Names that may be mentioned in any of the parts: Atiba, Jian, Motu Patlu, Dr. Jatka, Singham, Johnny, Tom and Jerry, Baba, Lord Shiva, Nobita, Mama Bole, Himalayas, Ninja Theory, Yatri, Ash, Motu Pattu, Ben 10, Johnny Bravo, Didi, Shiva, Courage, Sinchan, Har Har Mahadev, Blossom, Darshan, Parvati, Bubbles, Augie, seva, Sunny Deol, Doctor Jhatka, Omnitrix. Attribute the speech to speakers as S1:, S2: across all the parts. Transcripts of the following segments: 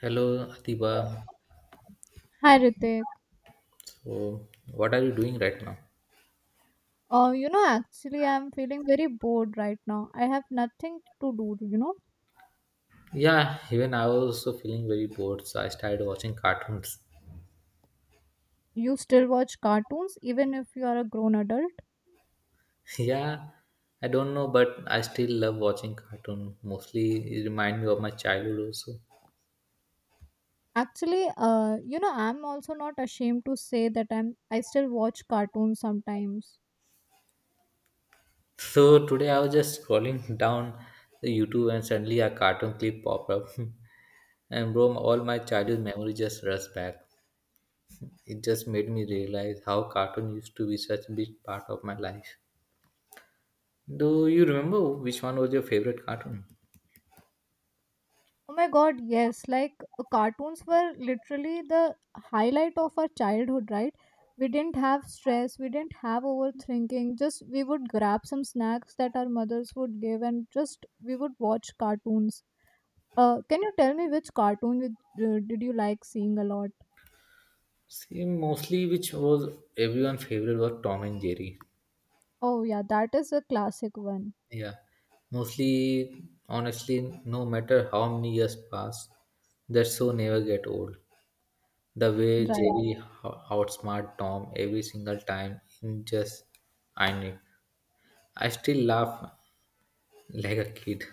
S1: Hello,
S2: Hi
S1: Atiba.
S2: Ritik.
S1: So, what are you doing right now?
S2: Actually, I'm feeling very bored right now. I have nothing to do, you know.
S1: Yeah, even I was also feeling very bored, so I started watching cartoons.
S2: You still watch cartoons even if you are a grown adult.
S1: Yeah, I don't know, but I still love watching cartoon. Mostly, it reminds me of my childhood also.
S2: Actually, I'm also not ashamed to say that I still watch cartoons sometimes.
S1: So today I was just scrolling down the YouTube and suddenly a cartoon clip popped up, and bro, all my childhood memory just rushed back. It just made me realize how cartoon used to be such a big part of my life. Do you remember which one was your favorite cartoon?
S2: Oh my god, yes, like cartoons were literally the highlight of our childhood, right? We didn't have stress, we didn't have overthinking. Just we would grab some snacks that our mothers would give and just we would watch cartoons. Can you tell me which cartoon did you like seeing a lot?
S1: See, mostly which was everyone's favorite was Tom and Jerry.
S2: Oh yeah, that is a classic one.
S1: Yeah, mostly, honestly, no matter how many years pass, that show never get old. The way
S2: Right.
S1: Jerry outsmart Tom every single time in just I knew. I still laugh like a kid.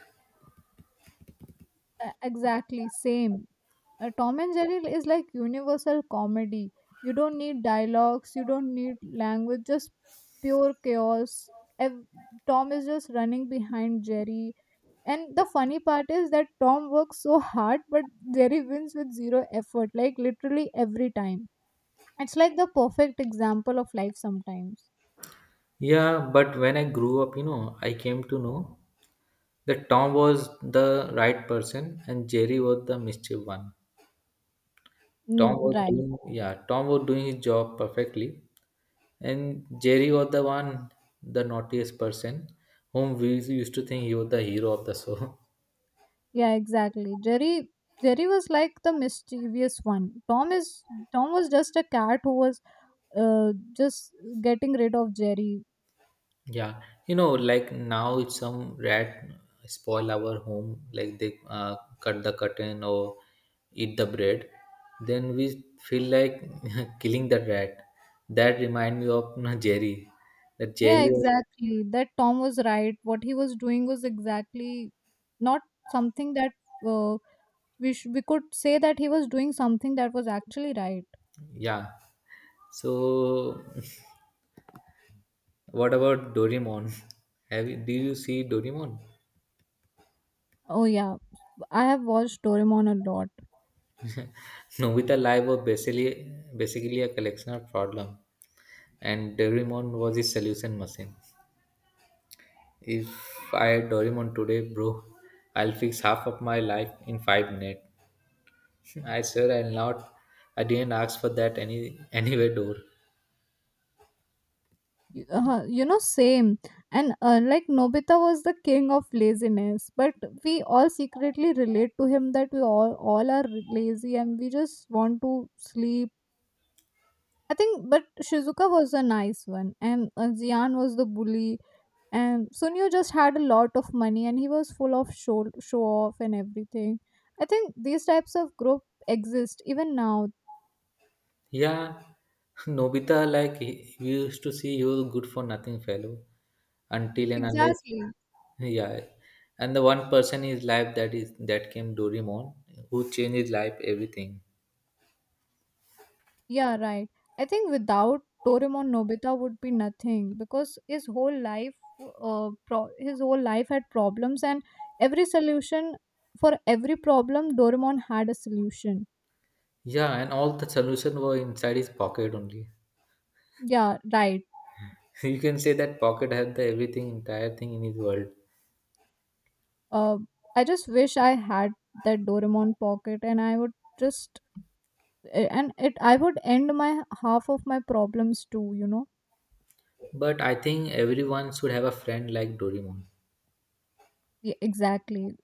S2: Exactly, same. Tom and Jerry is like universal comedy. You don't need dialogues, you don't need language, just pure chaos. Ev- Tom is just running behind Jerry. And the funny part is that Tom works so hard, but Jerry wins with zero effort, like literally every time. It's like the perfect example of life sometimes.
S1: Yeah, but when I grew up, you know, I came to know that Tom was the right person and Jerry was the mischief one. Tom
S2: Mm,
S1: was
S2: right.
S1: doing Yeah, Tom was doing his job perfectly, and Jerry was the one, the naughtiest person, whom we used to think he was the hero of the show.
S2: Yeah, exactly. Jerry was like the mischievous one. Tom was just a cat who was just getting rid of Jerry.
S1: Yeah, you know, like now if some rat spoil our home, like they cut the curtain or eat the bread, then we feel like killing the rat. That remind me of Jerry. That Jerry,
S2: Yeah,
S1: was,
S2: exactly. That Tom was right. What he was doing was exactly not something that uh, we could say that he was doing something that was actually right.
S1: yeah. So what about Doraemon? Do you see Doraemon?
S2: Oh yeah, I have watched Doraemon a lot.
S1: Nobita life was basically a collection of problem, and Doraemon was his solution machine. If I had Doraemon today, bro, I'll fix half of my life in 5 minutes. I swear I'll not. I didn't ask for that anywhere door.
S2: Same. And like Nobita was the king of laziness, but we all secretly relate to him that we all are lazy and we just want to sleep, I think. But Shizuka was a nice one, and Zian was the bully, and Sunio just had a lot of money and he was full of show off and everything. I think these types of group exist even now.
S1: Yeah, Nobita, like we used to see you good for nothing fellow until and unless,
S2: Exactly.
S1: yeah. And the one person in his life that came Doraemon, who changed his life everything.
S2: Yeah, right. I think without Doraemon, Nobita would be nothing because his whole life had problems, and every solution for every problem, Doraemon had a solution.
S1: Yeah, and all the solution were inside his pocket only.
S2: Yeah, right.
S1: You can say that pocket had the everything, entire thing in his world.
S2: Uh, I just wish I had that Doraemon pocket, and I would just eh, and it I would end my half of my problems too.
S1: But I think everyone should have a friend like Doraemon.
S2: Yeah, exactly.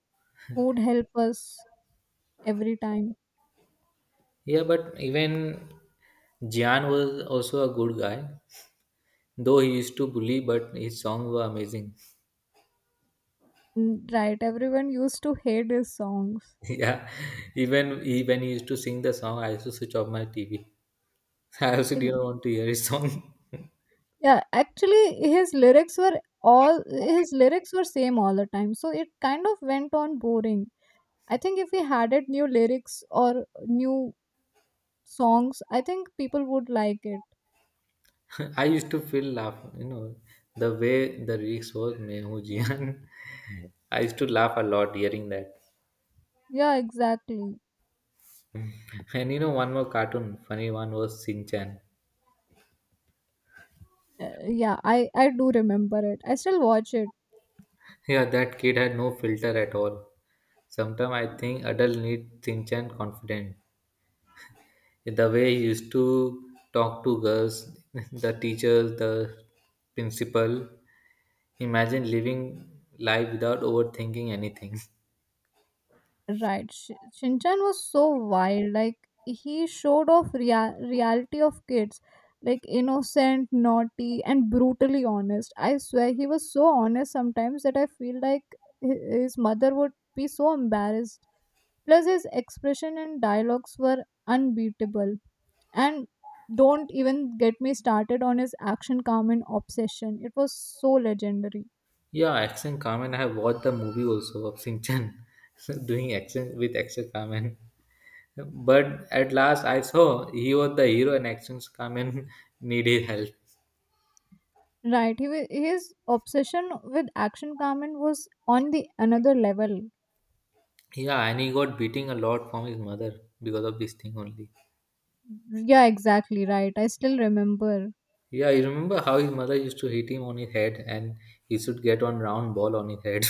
S2: Who would help us every time?
S1: Yeah, but even Jian was also a good guy. Though he used to bully, but his songs were amazing.
S2: Mm, right. Everyone used to hate his songs.
S1: Yeah, even he, when he used to sing the song, I used to switch off my TV. I also
S2: E,
S1: didn't want to hear his song.
S2: Yeah, actually his lyrics were same all the time. So it kind of went on boring. I think if he had it new lyrics or new songs, I think people would like it.
S1: I used to feel laugh, the way the lyrics was "मैं हूँ जियान." I used to laugh a lot hearing that.
S2: Yeah, exactly.
S1: And you know, one more cartoon, funny one was Sinchan.
S2: Yeah, I do remember it. I still watch it.
S1: Yeah, that kid had no filter at all. Sometimes I think adults need Sinchan confident. The way he used to talk to girls, the teachers, the principal. Imagine living life without overthinking anything.
S2: Right. Shinchan was so wild. Like he showed off reality of kids, like innocent, naughty, and brutally honest. I swear he was so honest sometimes that I feel like his mother would be so embarrassed. Plus, his expression and dialogues were unbeatable. And don't even get me started on his action, calm, and obsession. It was so legendary.
S1: Yeah, action Carmen. I have watched the movie also of Sinchan doing action with action Carmen. But at last, I saw he was the hero and action Carmen needed help.
S2: Right. His obsession with Action Carmen was on the another level.
S1: Yeah, and he got beating a lot from his mother because of this thing only.
S2: Yeah, exactly. Right. I still remember.
S1: Yeah, you remember how his mother used to hit him on his head and he should get one round ball on his head.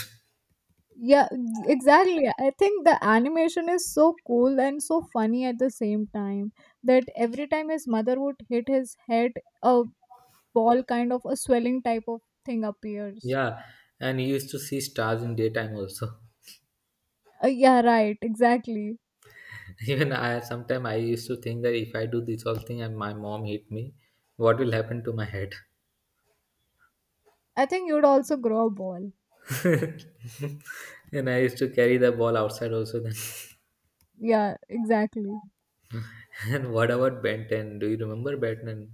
S2: Yeah, exactly. I think the animation is so cool and so funny at the same time that every time his mother would hit his head, a ball kind of a swelling type of thing appears.
S1: Yeah, and he used to see stars in daytime also.
S2: Yeah, right. Exactly.
S1: Even I sometime I used to think that if I do this whole thing and my mom hit me, what will happen to my head?
S2: I think you'd also grow a ball.
S1: And I used to carry the ball outside also then.
S2: Yeah, exactly.
S1: And what about Ben 10? Do you remember Ben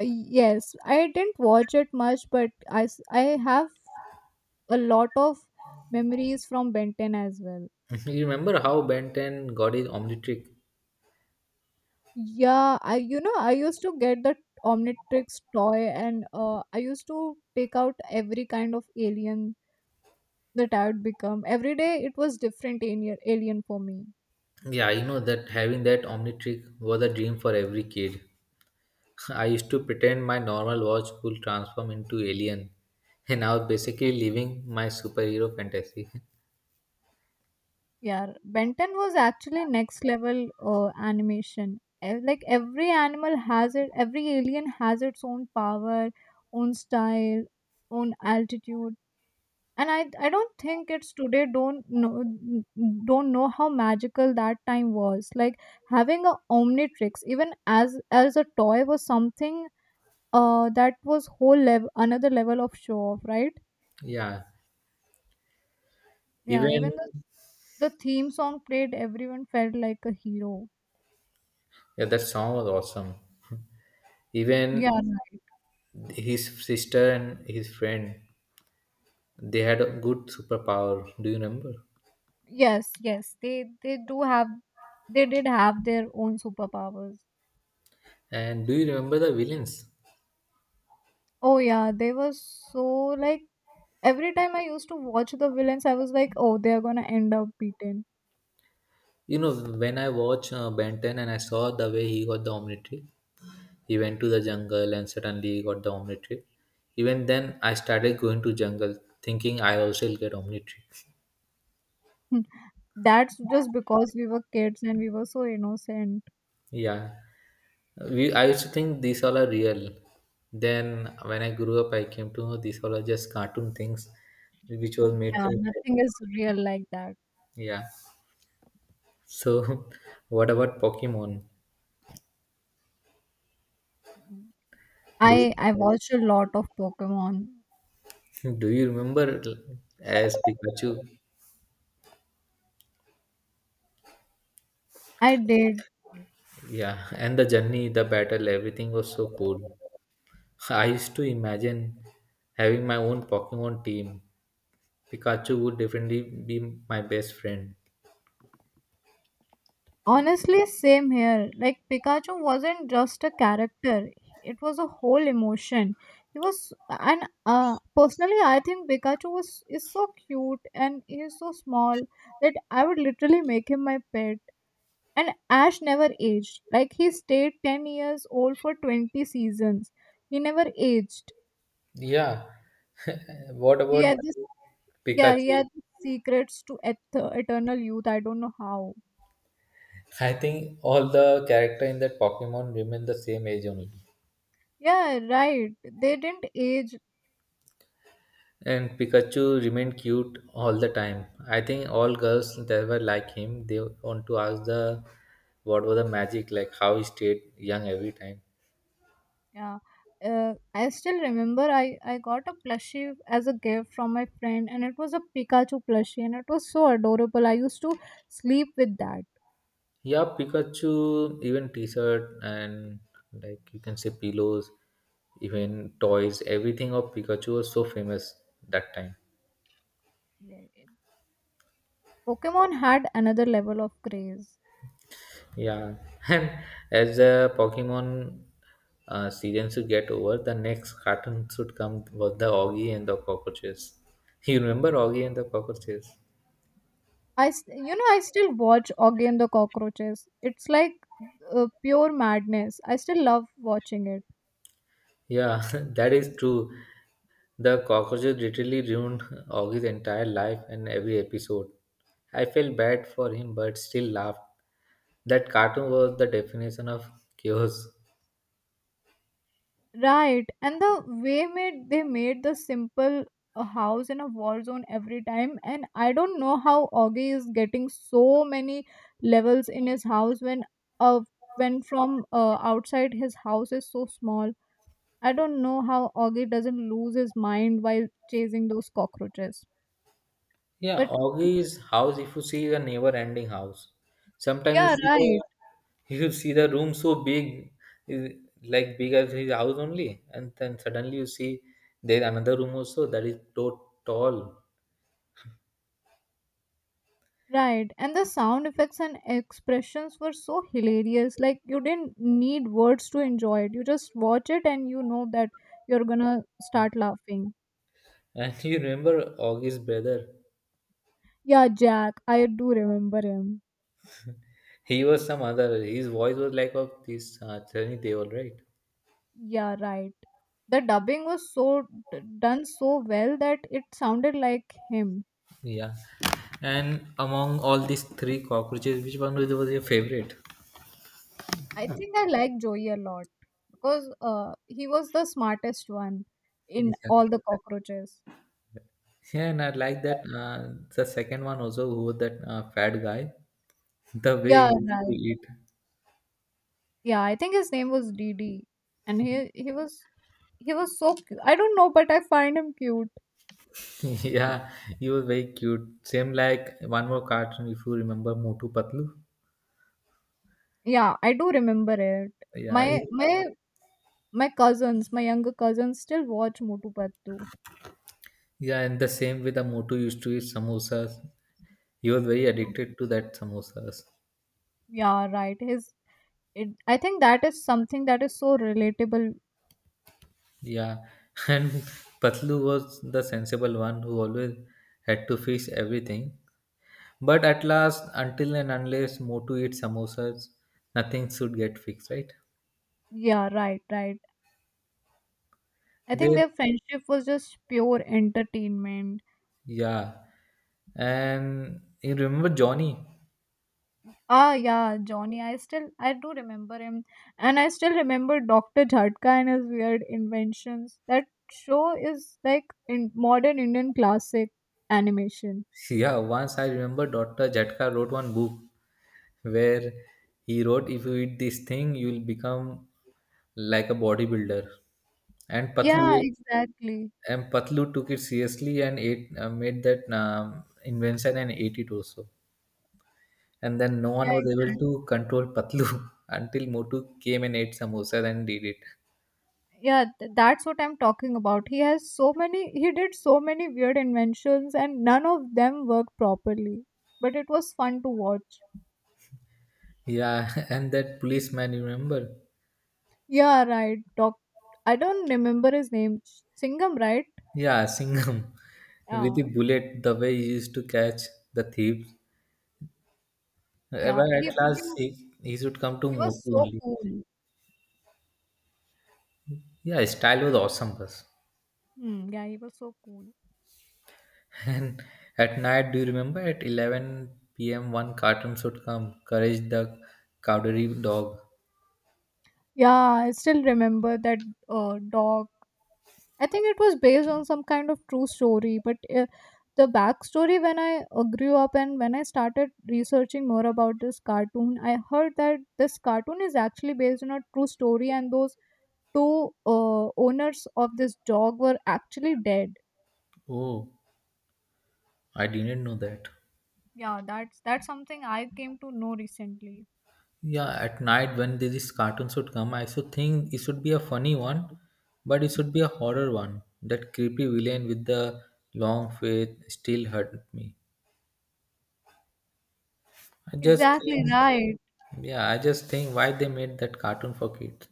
S2: Yes, I didn't watch it much, but I have a lot of memories from Ben 10 as well.
S1: 10? You remember how Ben 10 got his Omnitrick?
S2: Yeah, I you know I used to get the Omnitrix toy and I used to take out every kind of alien that I would become. Every day it was different alien for me.
S1: Yeah, you know that having that Omnitrick was a dream for every kid. I used to pretend my normal watch could transform into alien, and I was basically living my superhero fantasy.
S2: Yeah, Ben 10 was actually next level animation. Like every animal has it, every alien has its own power, own style, own altitude, and I don't think it's today. Don't know how magical that time was, like having a omnitrix even as a toy was something, that was whole level, another level of show off, right?
S1: Yeah,
S2: Yeah,
S1: even
S2: even the theme song played, everyone felt like a hero.
S1: yeah, that song was awesome.
S2: Yeah,
S1: Even
S2: right.
S1: his sister and his friend, they had a good superpower. Do you remember?
S2: Yes, yes, they do have they did have their own superpowers.
S1: And do you remember the villains?
S2: Oh yeah, they were so, like every time I used to watch the villains, I was like, oh, they are gonna end up beaten.
S1: You know, when I watch Ben 10 and I saw the way he got the Omnitrix, he went to the jungle and suddenly he got the Omnitrix. Even then, I started going to jungle thinking I also will get Omnitrix.
S2: Hmm. That's just because we were kids and we were so innocent.
S1: Yeah. We I used to think these all are real. Then when I grew up I came to know these all are just cartoon things which was made
S2: Yeah,
S1: to
S2: nothing is real like that.
S1: yeah. So what about Pokemon? Do you,
S2: I watched a lot of Pokemon.
S1: do you remember as Pikachu?
S2: I did.
S1: Yeah, and the journey, the battle, everything was so cool. I used to imagine having my own Pokemon team. Pikachu would definitely be my best friend.
S2: Honestly, same here. Like Pikachu wasn't just a character; it was a whole emotion. He was, and personally, I think Pikachu was is so cute and he is so small that I would literally make him my pet. And Ash never aged. Like he stayed 10 years old for 20 seasons. He never aged.
S1: Yeah. What
S2: He
S1: about
S2: had this, yeah, he
S1: Pikachu?
S2: had these secrets to eternal youth. I don't know how.
S1: I think all the character in that Pokemon remain the same age only.
S2: Yeah, right. They didn't age.
S1: And Pikachu remained cute all the time. I think all girls that were like him, they want to ask the what was the magic, like how he stayed young every time.
S2: Yeah. I still remember I got a plushie as a gift from my friend, and it was a Pikachu plushie, and it was so adorable. I used to sleep with that.
S1: Yeah, Pikachu, even t-shirt and like you can say pillows, even toys, everything of Pikachu was so famous that time.
S2: Pokemon had another level of craze.
S1: Yeah, and as the Pokemon season should get over, the next cartoon should come was the Augie and the cockroaches. You remember Augie and the cockroaches?
S2: I, st- you know, I still watch Oggy and the Cockroaches. It's like pure madness. I still love watching it.
S1: Yeah, that is true. The cockroaches literally ruined Augie's entire life and every episode. I felt bad for him, but still laughed. That cartoon was the definition of chaos.
S2: Right, and the way made they made the simple a house in a war zone every time, and I don't know how Augie is getting so many levels in his house uh when from outside his house is so small. I don't know how Augie doesn't lose his mind while chasing those cockroaches.
S1: Yeah,
S2: But
S1: Augie's house, if you see is a never ending house, sometimes
S2: yeah, right.
S1: you see the room so big, is like big as his house only, and then suddenly you see there another room also that is so tall.
S2: Right, and the sound effects and expressions were so hilarious. Like, you didn't need words to enjoy it. You just watch it and you know that you're gonna start laughing.
S1: And you remember Augie's brother,
S2: Yeah, Jack, I do remember him.
S1: he was some other, his voice was like of this Sunny Deol, right?
S2: Yeah, right. The dubbing was so done so well that it sounded like him.
S1: Yeah. And among all these three cockroaches, which one was your favorite?
S2: I think I like Joey a lot because he was the smartest one
S1: Yeah.
S2: in all the cockroaches.
S1: Yeah, and I like that. The second one also, who was that fat guy, the way
S2: Yeah,
S1: he used to
S2: right.
S1: eat.
S2: Yeah, I think his name was Didi, and he was so I don't know, but I find him cute.
S1: Yeah, he was very cute. Same like one more cartoon, if you remember Motu Patlu.
S2: Yeah, I do remember it.
S1: Yeah,
S2: My my my cousins, my younger cousins, still watch Motu Pattu.
S1: yeah, and the same with the Motu used to eat samosas. He was very addicted to that samosas.
S2: Yeah, right. I think that is something that is so relatable.
S1: Yeah, and Patlu was the sensible one who always had to fix everything. But at last, until and unless Motu eats samosas, nothing should get fixed, right?
S2: Yeah, right, right. I think
S1: They,
S2: their friendship was just pure entertainment.
S1: yeah. And you remember Johnny?
S2: Ah, yeah, Johnny. I do remember him, and I still remember Doctor Jhatka and his weird inventions. That show is like in modern Indian classic animation.
S1: Yeah, once I remember Dr. Jatka wrote one book where he wrote, if you eat this thing, you'll become like a bodybuilder. And
S2: Yeah,
S1: Patlu
S2: exactly.
S1: and Patlu took it seriously and ate, made that invention and ate it also. And then no one
S2: Yeah,
S1: was able
S2: exactly.
S1: to control Patlu until Motu came and ate samosas and did it.
S2: Yeah, that's what I'm talking about. He has so many. He did so many weird inventions, and none of them worked properly. But it was fun to watch.
S1: Yeah, and that policeman, you remember?
S2: Yeah, right. Doc. I don't remember his name. Singham, right?
S1: Yeah, Singham with the
S2: Yeah,
S1: bullet, the way he used to catch the thief.
S2: yeah.
S1: But at
S2: He
S1: last, he should come to
S2: He
S1: Motu
S2: was so
S1: only.
S2: cool.
S1: Yeah, his style was awesome, bus.
S2: Hmm, yeah, he was so cool.
S1: And at night, do you remember at 11 p.m., one cartoon should come, Courage the Cowardly Dog.
S2: Yeah, I still remember that dog. I think it was based on some kind of true story, but the backstory when I grew up and when I started researching more about this cartoon, I heard that this cartoon is actually based on a true story, and those two owners of this dog were actually dead.
S1: Oh, I didn't know that.
S2: Yeah, that's something I came to know recently.
S1: Yeah, at night when this cartoon should come, I should think it should be a funny one, but it should be a horror one. That creepy villain with the long face still hurt me. I just
S2: Exactly
S1: think,
S2: right.
S1: yeah, I just think why they made that cartoon for kids.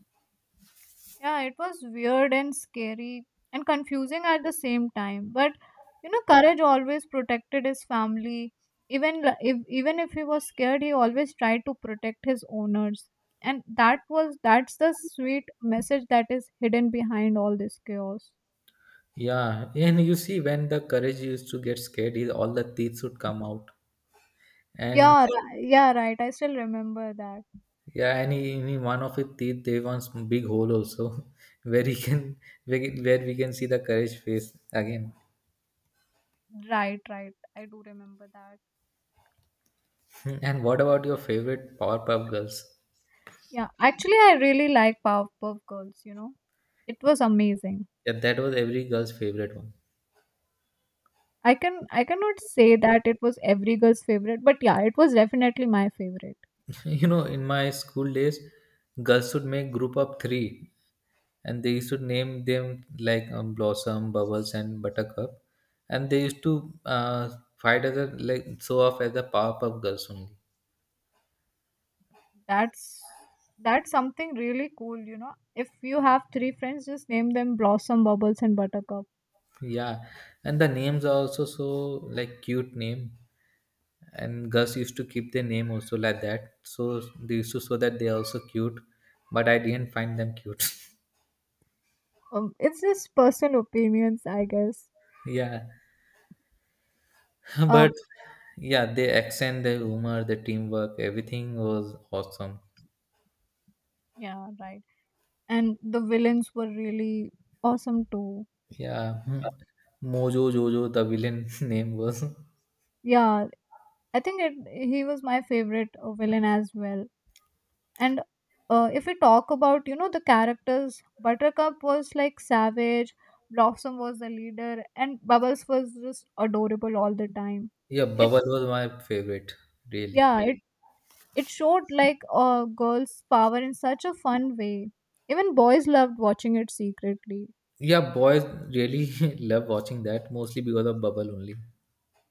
S2: Yeah, it was weird and scary and confusing at the same time. But Courage always protected his family. Even if he was scared, he always tried to protect his owners. And that's the sweet message that is hidden behind all this chaos.
S1: Yeah, and you see when the courage used to get scared, all the teeth would come out, and
S2: Yeah, yeah, right. I still remember that.
S1: yeah, and he, in one of his teeth they want some big hole also, where he can where we can see the courage face again.
S2: Right, right. I do remember that.
S1: Hmm, and what about your favorite Powerpuff Girls?
S2: Yeah, actually, I really like Powerpuff Girls. It was amazing.
S1: Yeah, that was every girl's favorite one.
S2: I cannot say that it was every girl's favorite, but yeah, it was definitely my favorite.
S1: You know, in my school days, girls would make group of three, and they used to name them like Blossom, Bubbles, and Buttercup, and they used to fight as a like show off as the Powerpuff Girls only.
S2: That's that's something really cool. If you have three friends, just name them Blossom, Bubbles, and Buttercup.
S1: Yeah, and the names are also so like cute name, and girls used to keep their name also like that, so they used to show that they are also cute, but I didn't find them cute.
S2: It's just personal opinions, I guess.
S1: Yeah,
S2: Uh,
S1: but yeah, their accent, their humor, the teamwork, everything was awesome.
S2: yeah, right. And the villains were really awesome too.
S1: Yeah, hmm. Mojo Jojo, the villain name was.
S2: Yeah, I think he was my favorite villain as well. And if we talk about the characters, Buttercup was like savage, Blossom was the leader, and Bubbles was just adorable all the time.
S1: Yeah,
S2: it
S1: Bubble was my favorite, really.
S2: yeah it it showed like girls power in such a fun way. Even boys loved watching it secretly.
S1: Yeah, boys really love watching that, mostly because of Bubble only.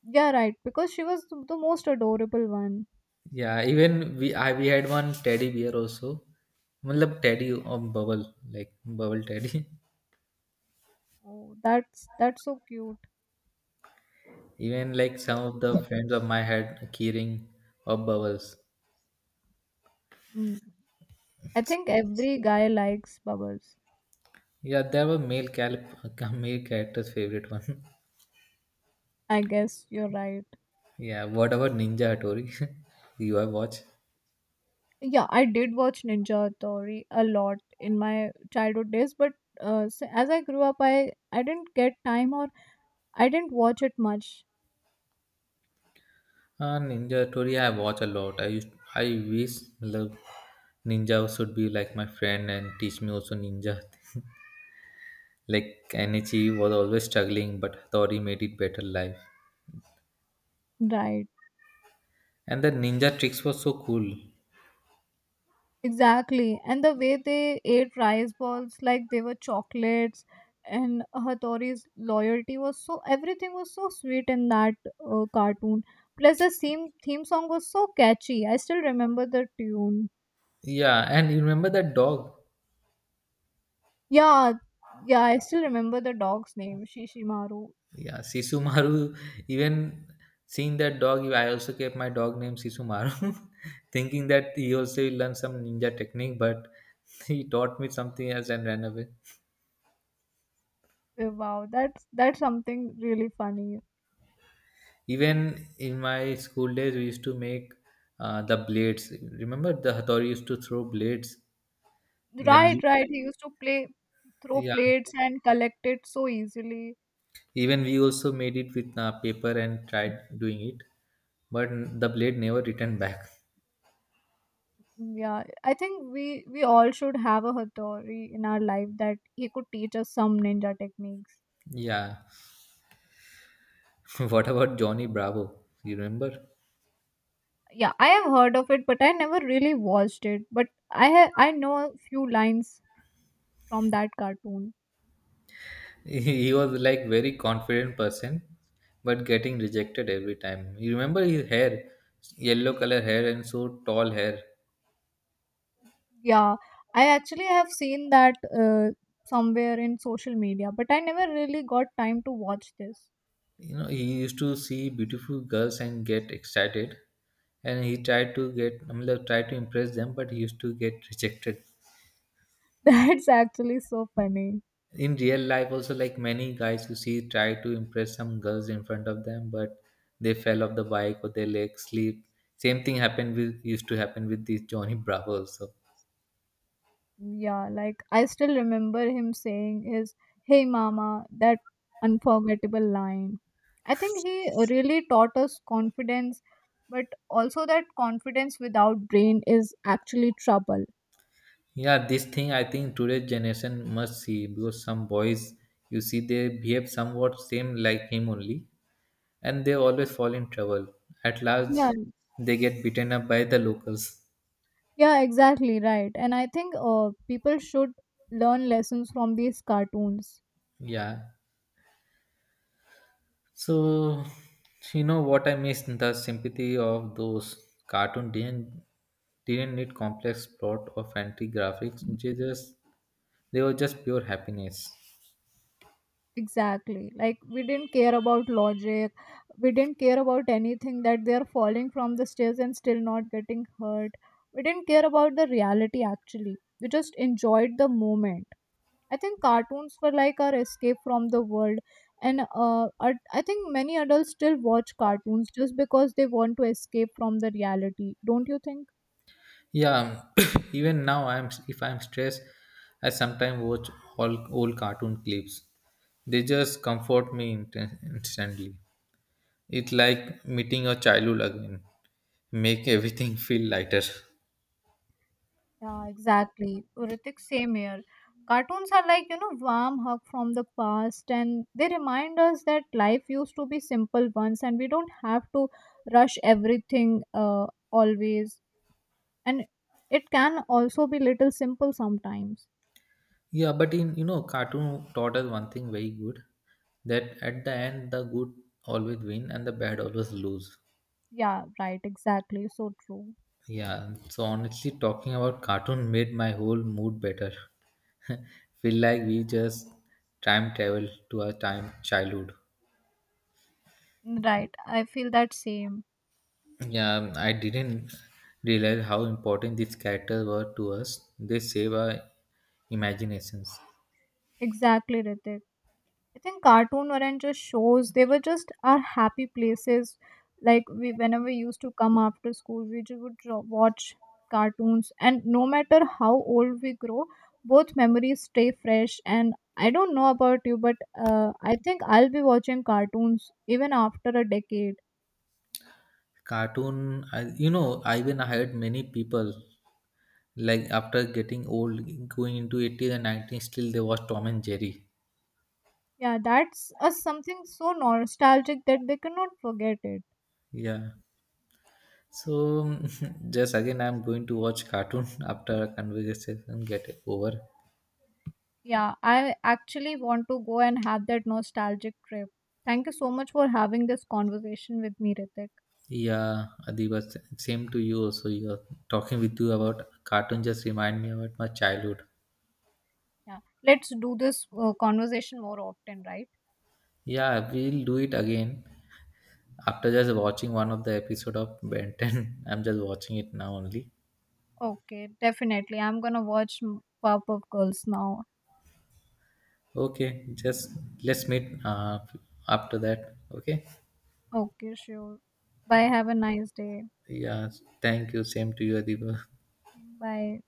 S2: Yeah, right, because she was the most adorable one.
S1: Yeah, even we had one teddy bear also. Matlab teddy or bubble, like bubble teddy.
S2: Oh, that's so cute.
S1: Even like some of the friends of my had keyring or bubbles.
S2: mm. I think every guy likes bubbles.
S1: Yeah, they were male cal male character's favorite one.
S2: I guess you're right.
S1: Yeah, what about Ninja Hattori? You have watched?
S2: Yeah, I did watch Ninja Theory a lot in my childhood days, but as I grew up, I didn't get time or I didn't watch it much.
S1: Ninja Theory, I watch a lot. I wish love Ninja should be like my friend and teach me also Ninja. Like Anichi was always struggling, but Hattori made it better life.
S2: Right,
S1: And the Ninja tricks was so cool.
S2: exactly. And the way they ate rice balls like they were chocolates, and Hattori's loyalty was so everything was so sweet in that cartoon. Plus, the theme song was so catchy. I still remember the tune.
S1: Yeah, and you remember that dog?
S2: Yeah, yeah, I still remember the dog's name, Shishimaru.
S1: Yeah, Sisumaru. Even seeing that dog, I also kept my dog name Sisumaru, thinking that he also will learn some ninja technique, but he taught me something else and ran away.
S2: Oh, wow, that's something really funny.
S1: Even in my school days, we used to make the blades. Remember, the hatori used to throw blades. Then,
S2: Right, right. He used to play throw
S1: yeah,
S2: plates and collect it so easily.
S1: even we also made it with paper and tried doing it, but the blade never returned back.
S2: Yeah, I think we all should have a Hattori in our life that he could teach us some ninja techniques.
S1: Yeah. What about Johnny Bravo? You remember?
S2: Yeah, I have heard of it, but I never really watched it. But I know a few lines from that cartoon.
S1: He was like very confident person, but getting rejected every time. You remember his hair, yellow color hair and so tall hair.
S2: Yeah, I actually have seen that uh, somewhere in social media, but I never really got time to watch this.
S1: You know, he used to see beautiful girls and get excited, and he tried to get, I mean, like, tried to impress them, but he used to get rejected.
S2: That's actually so funny.
S1: In real life, also, like many guys you see try to impress some girls in front of them, but they fell off the bike or their legs slip. Same thing happened with used to happen with this Johnny Bravo also.
S2: Yeah, like I still remember him saying his "Hey mama," that unforgettable line. I think he really taught us confidence, but also that confidence without brain is actually trouble.
S1: Yeah, this thing I think today's generation must see because some boys you see they behave somewhat same like him only, and they always fall in trouble. At
S2: Yeah,
S1: last, they get beaten up by the locals.
S2: yeah, exactly right. And I think people should learn lessons from these cartoons.
S1: Yeah. So, you know what I miss? The sympathy of those cartoon didn't need complex plot or fancy graphics. They were just pure happiness.
S2: Exactly. Like we didn't care about logic. We didn't care about anything that they are falling from the stairs and still not getting hurt. We didn't care about the reality actually. We just enjoyed the moment. I think cartoons were like our escape from the world and I think many adults still watch cartoons just because they want to escape from the reality. Don't you think?
S1: Yeah. Even now, I'm if I'm stressed, I sometimes watch all old cartoon clips. They just comfort me instantly. It's like meeting your childhood again. Make everything feel lighter.
S2: Yeah, exactly. Ritik, same here. Cartoons are like, warm hug from the past, and they remind us that life used to be simple once and we don't have to rush everything always. And it can also be little simple sometimes.
S1: Yeah, but in cartoon taught us one thing very good, that at the end the good always win and the bad always lose.
S2: Yeah, right, exactly. So true.
S1: Yeah, so honestly talking about cartoon made my whole mood better. Feel like we just time travel to our time childhood.
S2: Right. I feel that same.
S1: Yeah, I didn't realize how important these characters were to us. They save our imaginations.
S2: Exactly, Ritik. I think cartoon weren't just shows; they were just our happy places. Like we, whenever we used to come after school, we just would draw, watch cartoons, and no matter how old we grow, both memories stay fresh. And I don't know about you, but I think I'll be watching cartoons even after a decade.
S1: Cartoon, I even hired many people like after getting old, going into 80s and 90s, still they watch Tom and Jerry.
S2: Yeah, that's a something so nostalgic that they cannot forget it.
S1: Yeah. So just again, I'm going to watch cartoon after a conversation get it over.
S2: Yeah, I actually want to go and have that nostalgic trip. Thank you so much for having this conversation with me, Ritik.
S1: Yeah, Adiba, same to you also. You're talking with you about cartoon just remind me about my childhood.
S2: Yeah, let's do this conversation more often, right?
S1: Yeah, we'll do it again after just watching one of the episode of Ben 10. I'm just watching it now only.
S2: Okay, definitely. I'm gonna watch Powerpuff Girls now.
S1: Okay, just let's meet after that. Okay.
S2: Okay, sure. Bye. Have a nice day.
S1: Yeah. Thank you. Same to you, Adiba.
S2: Bye.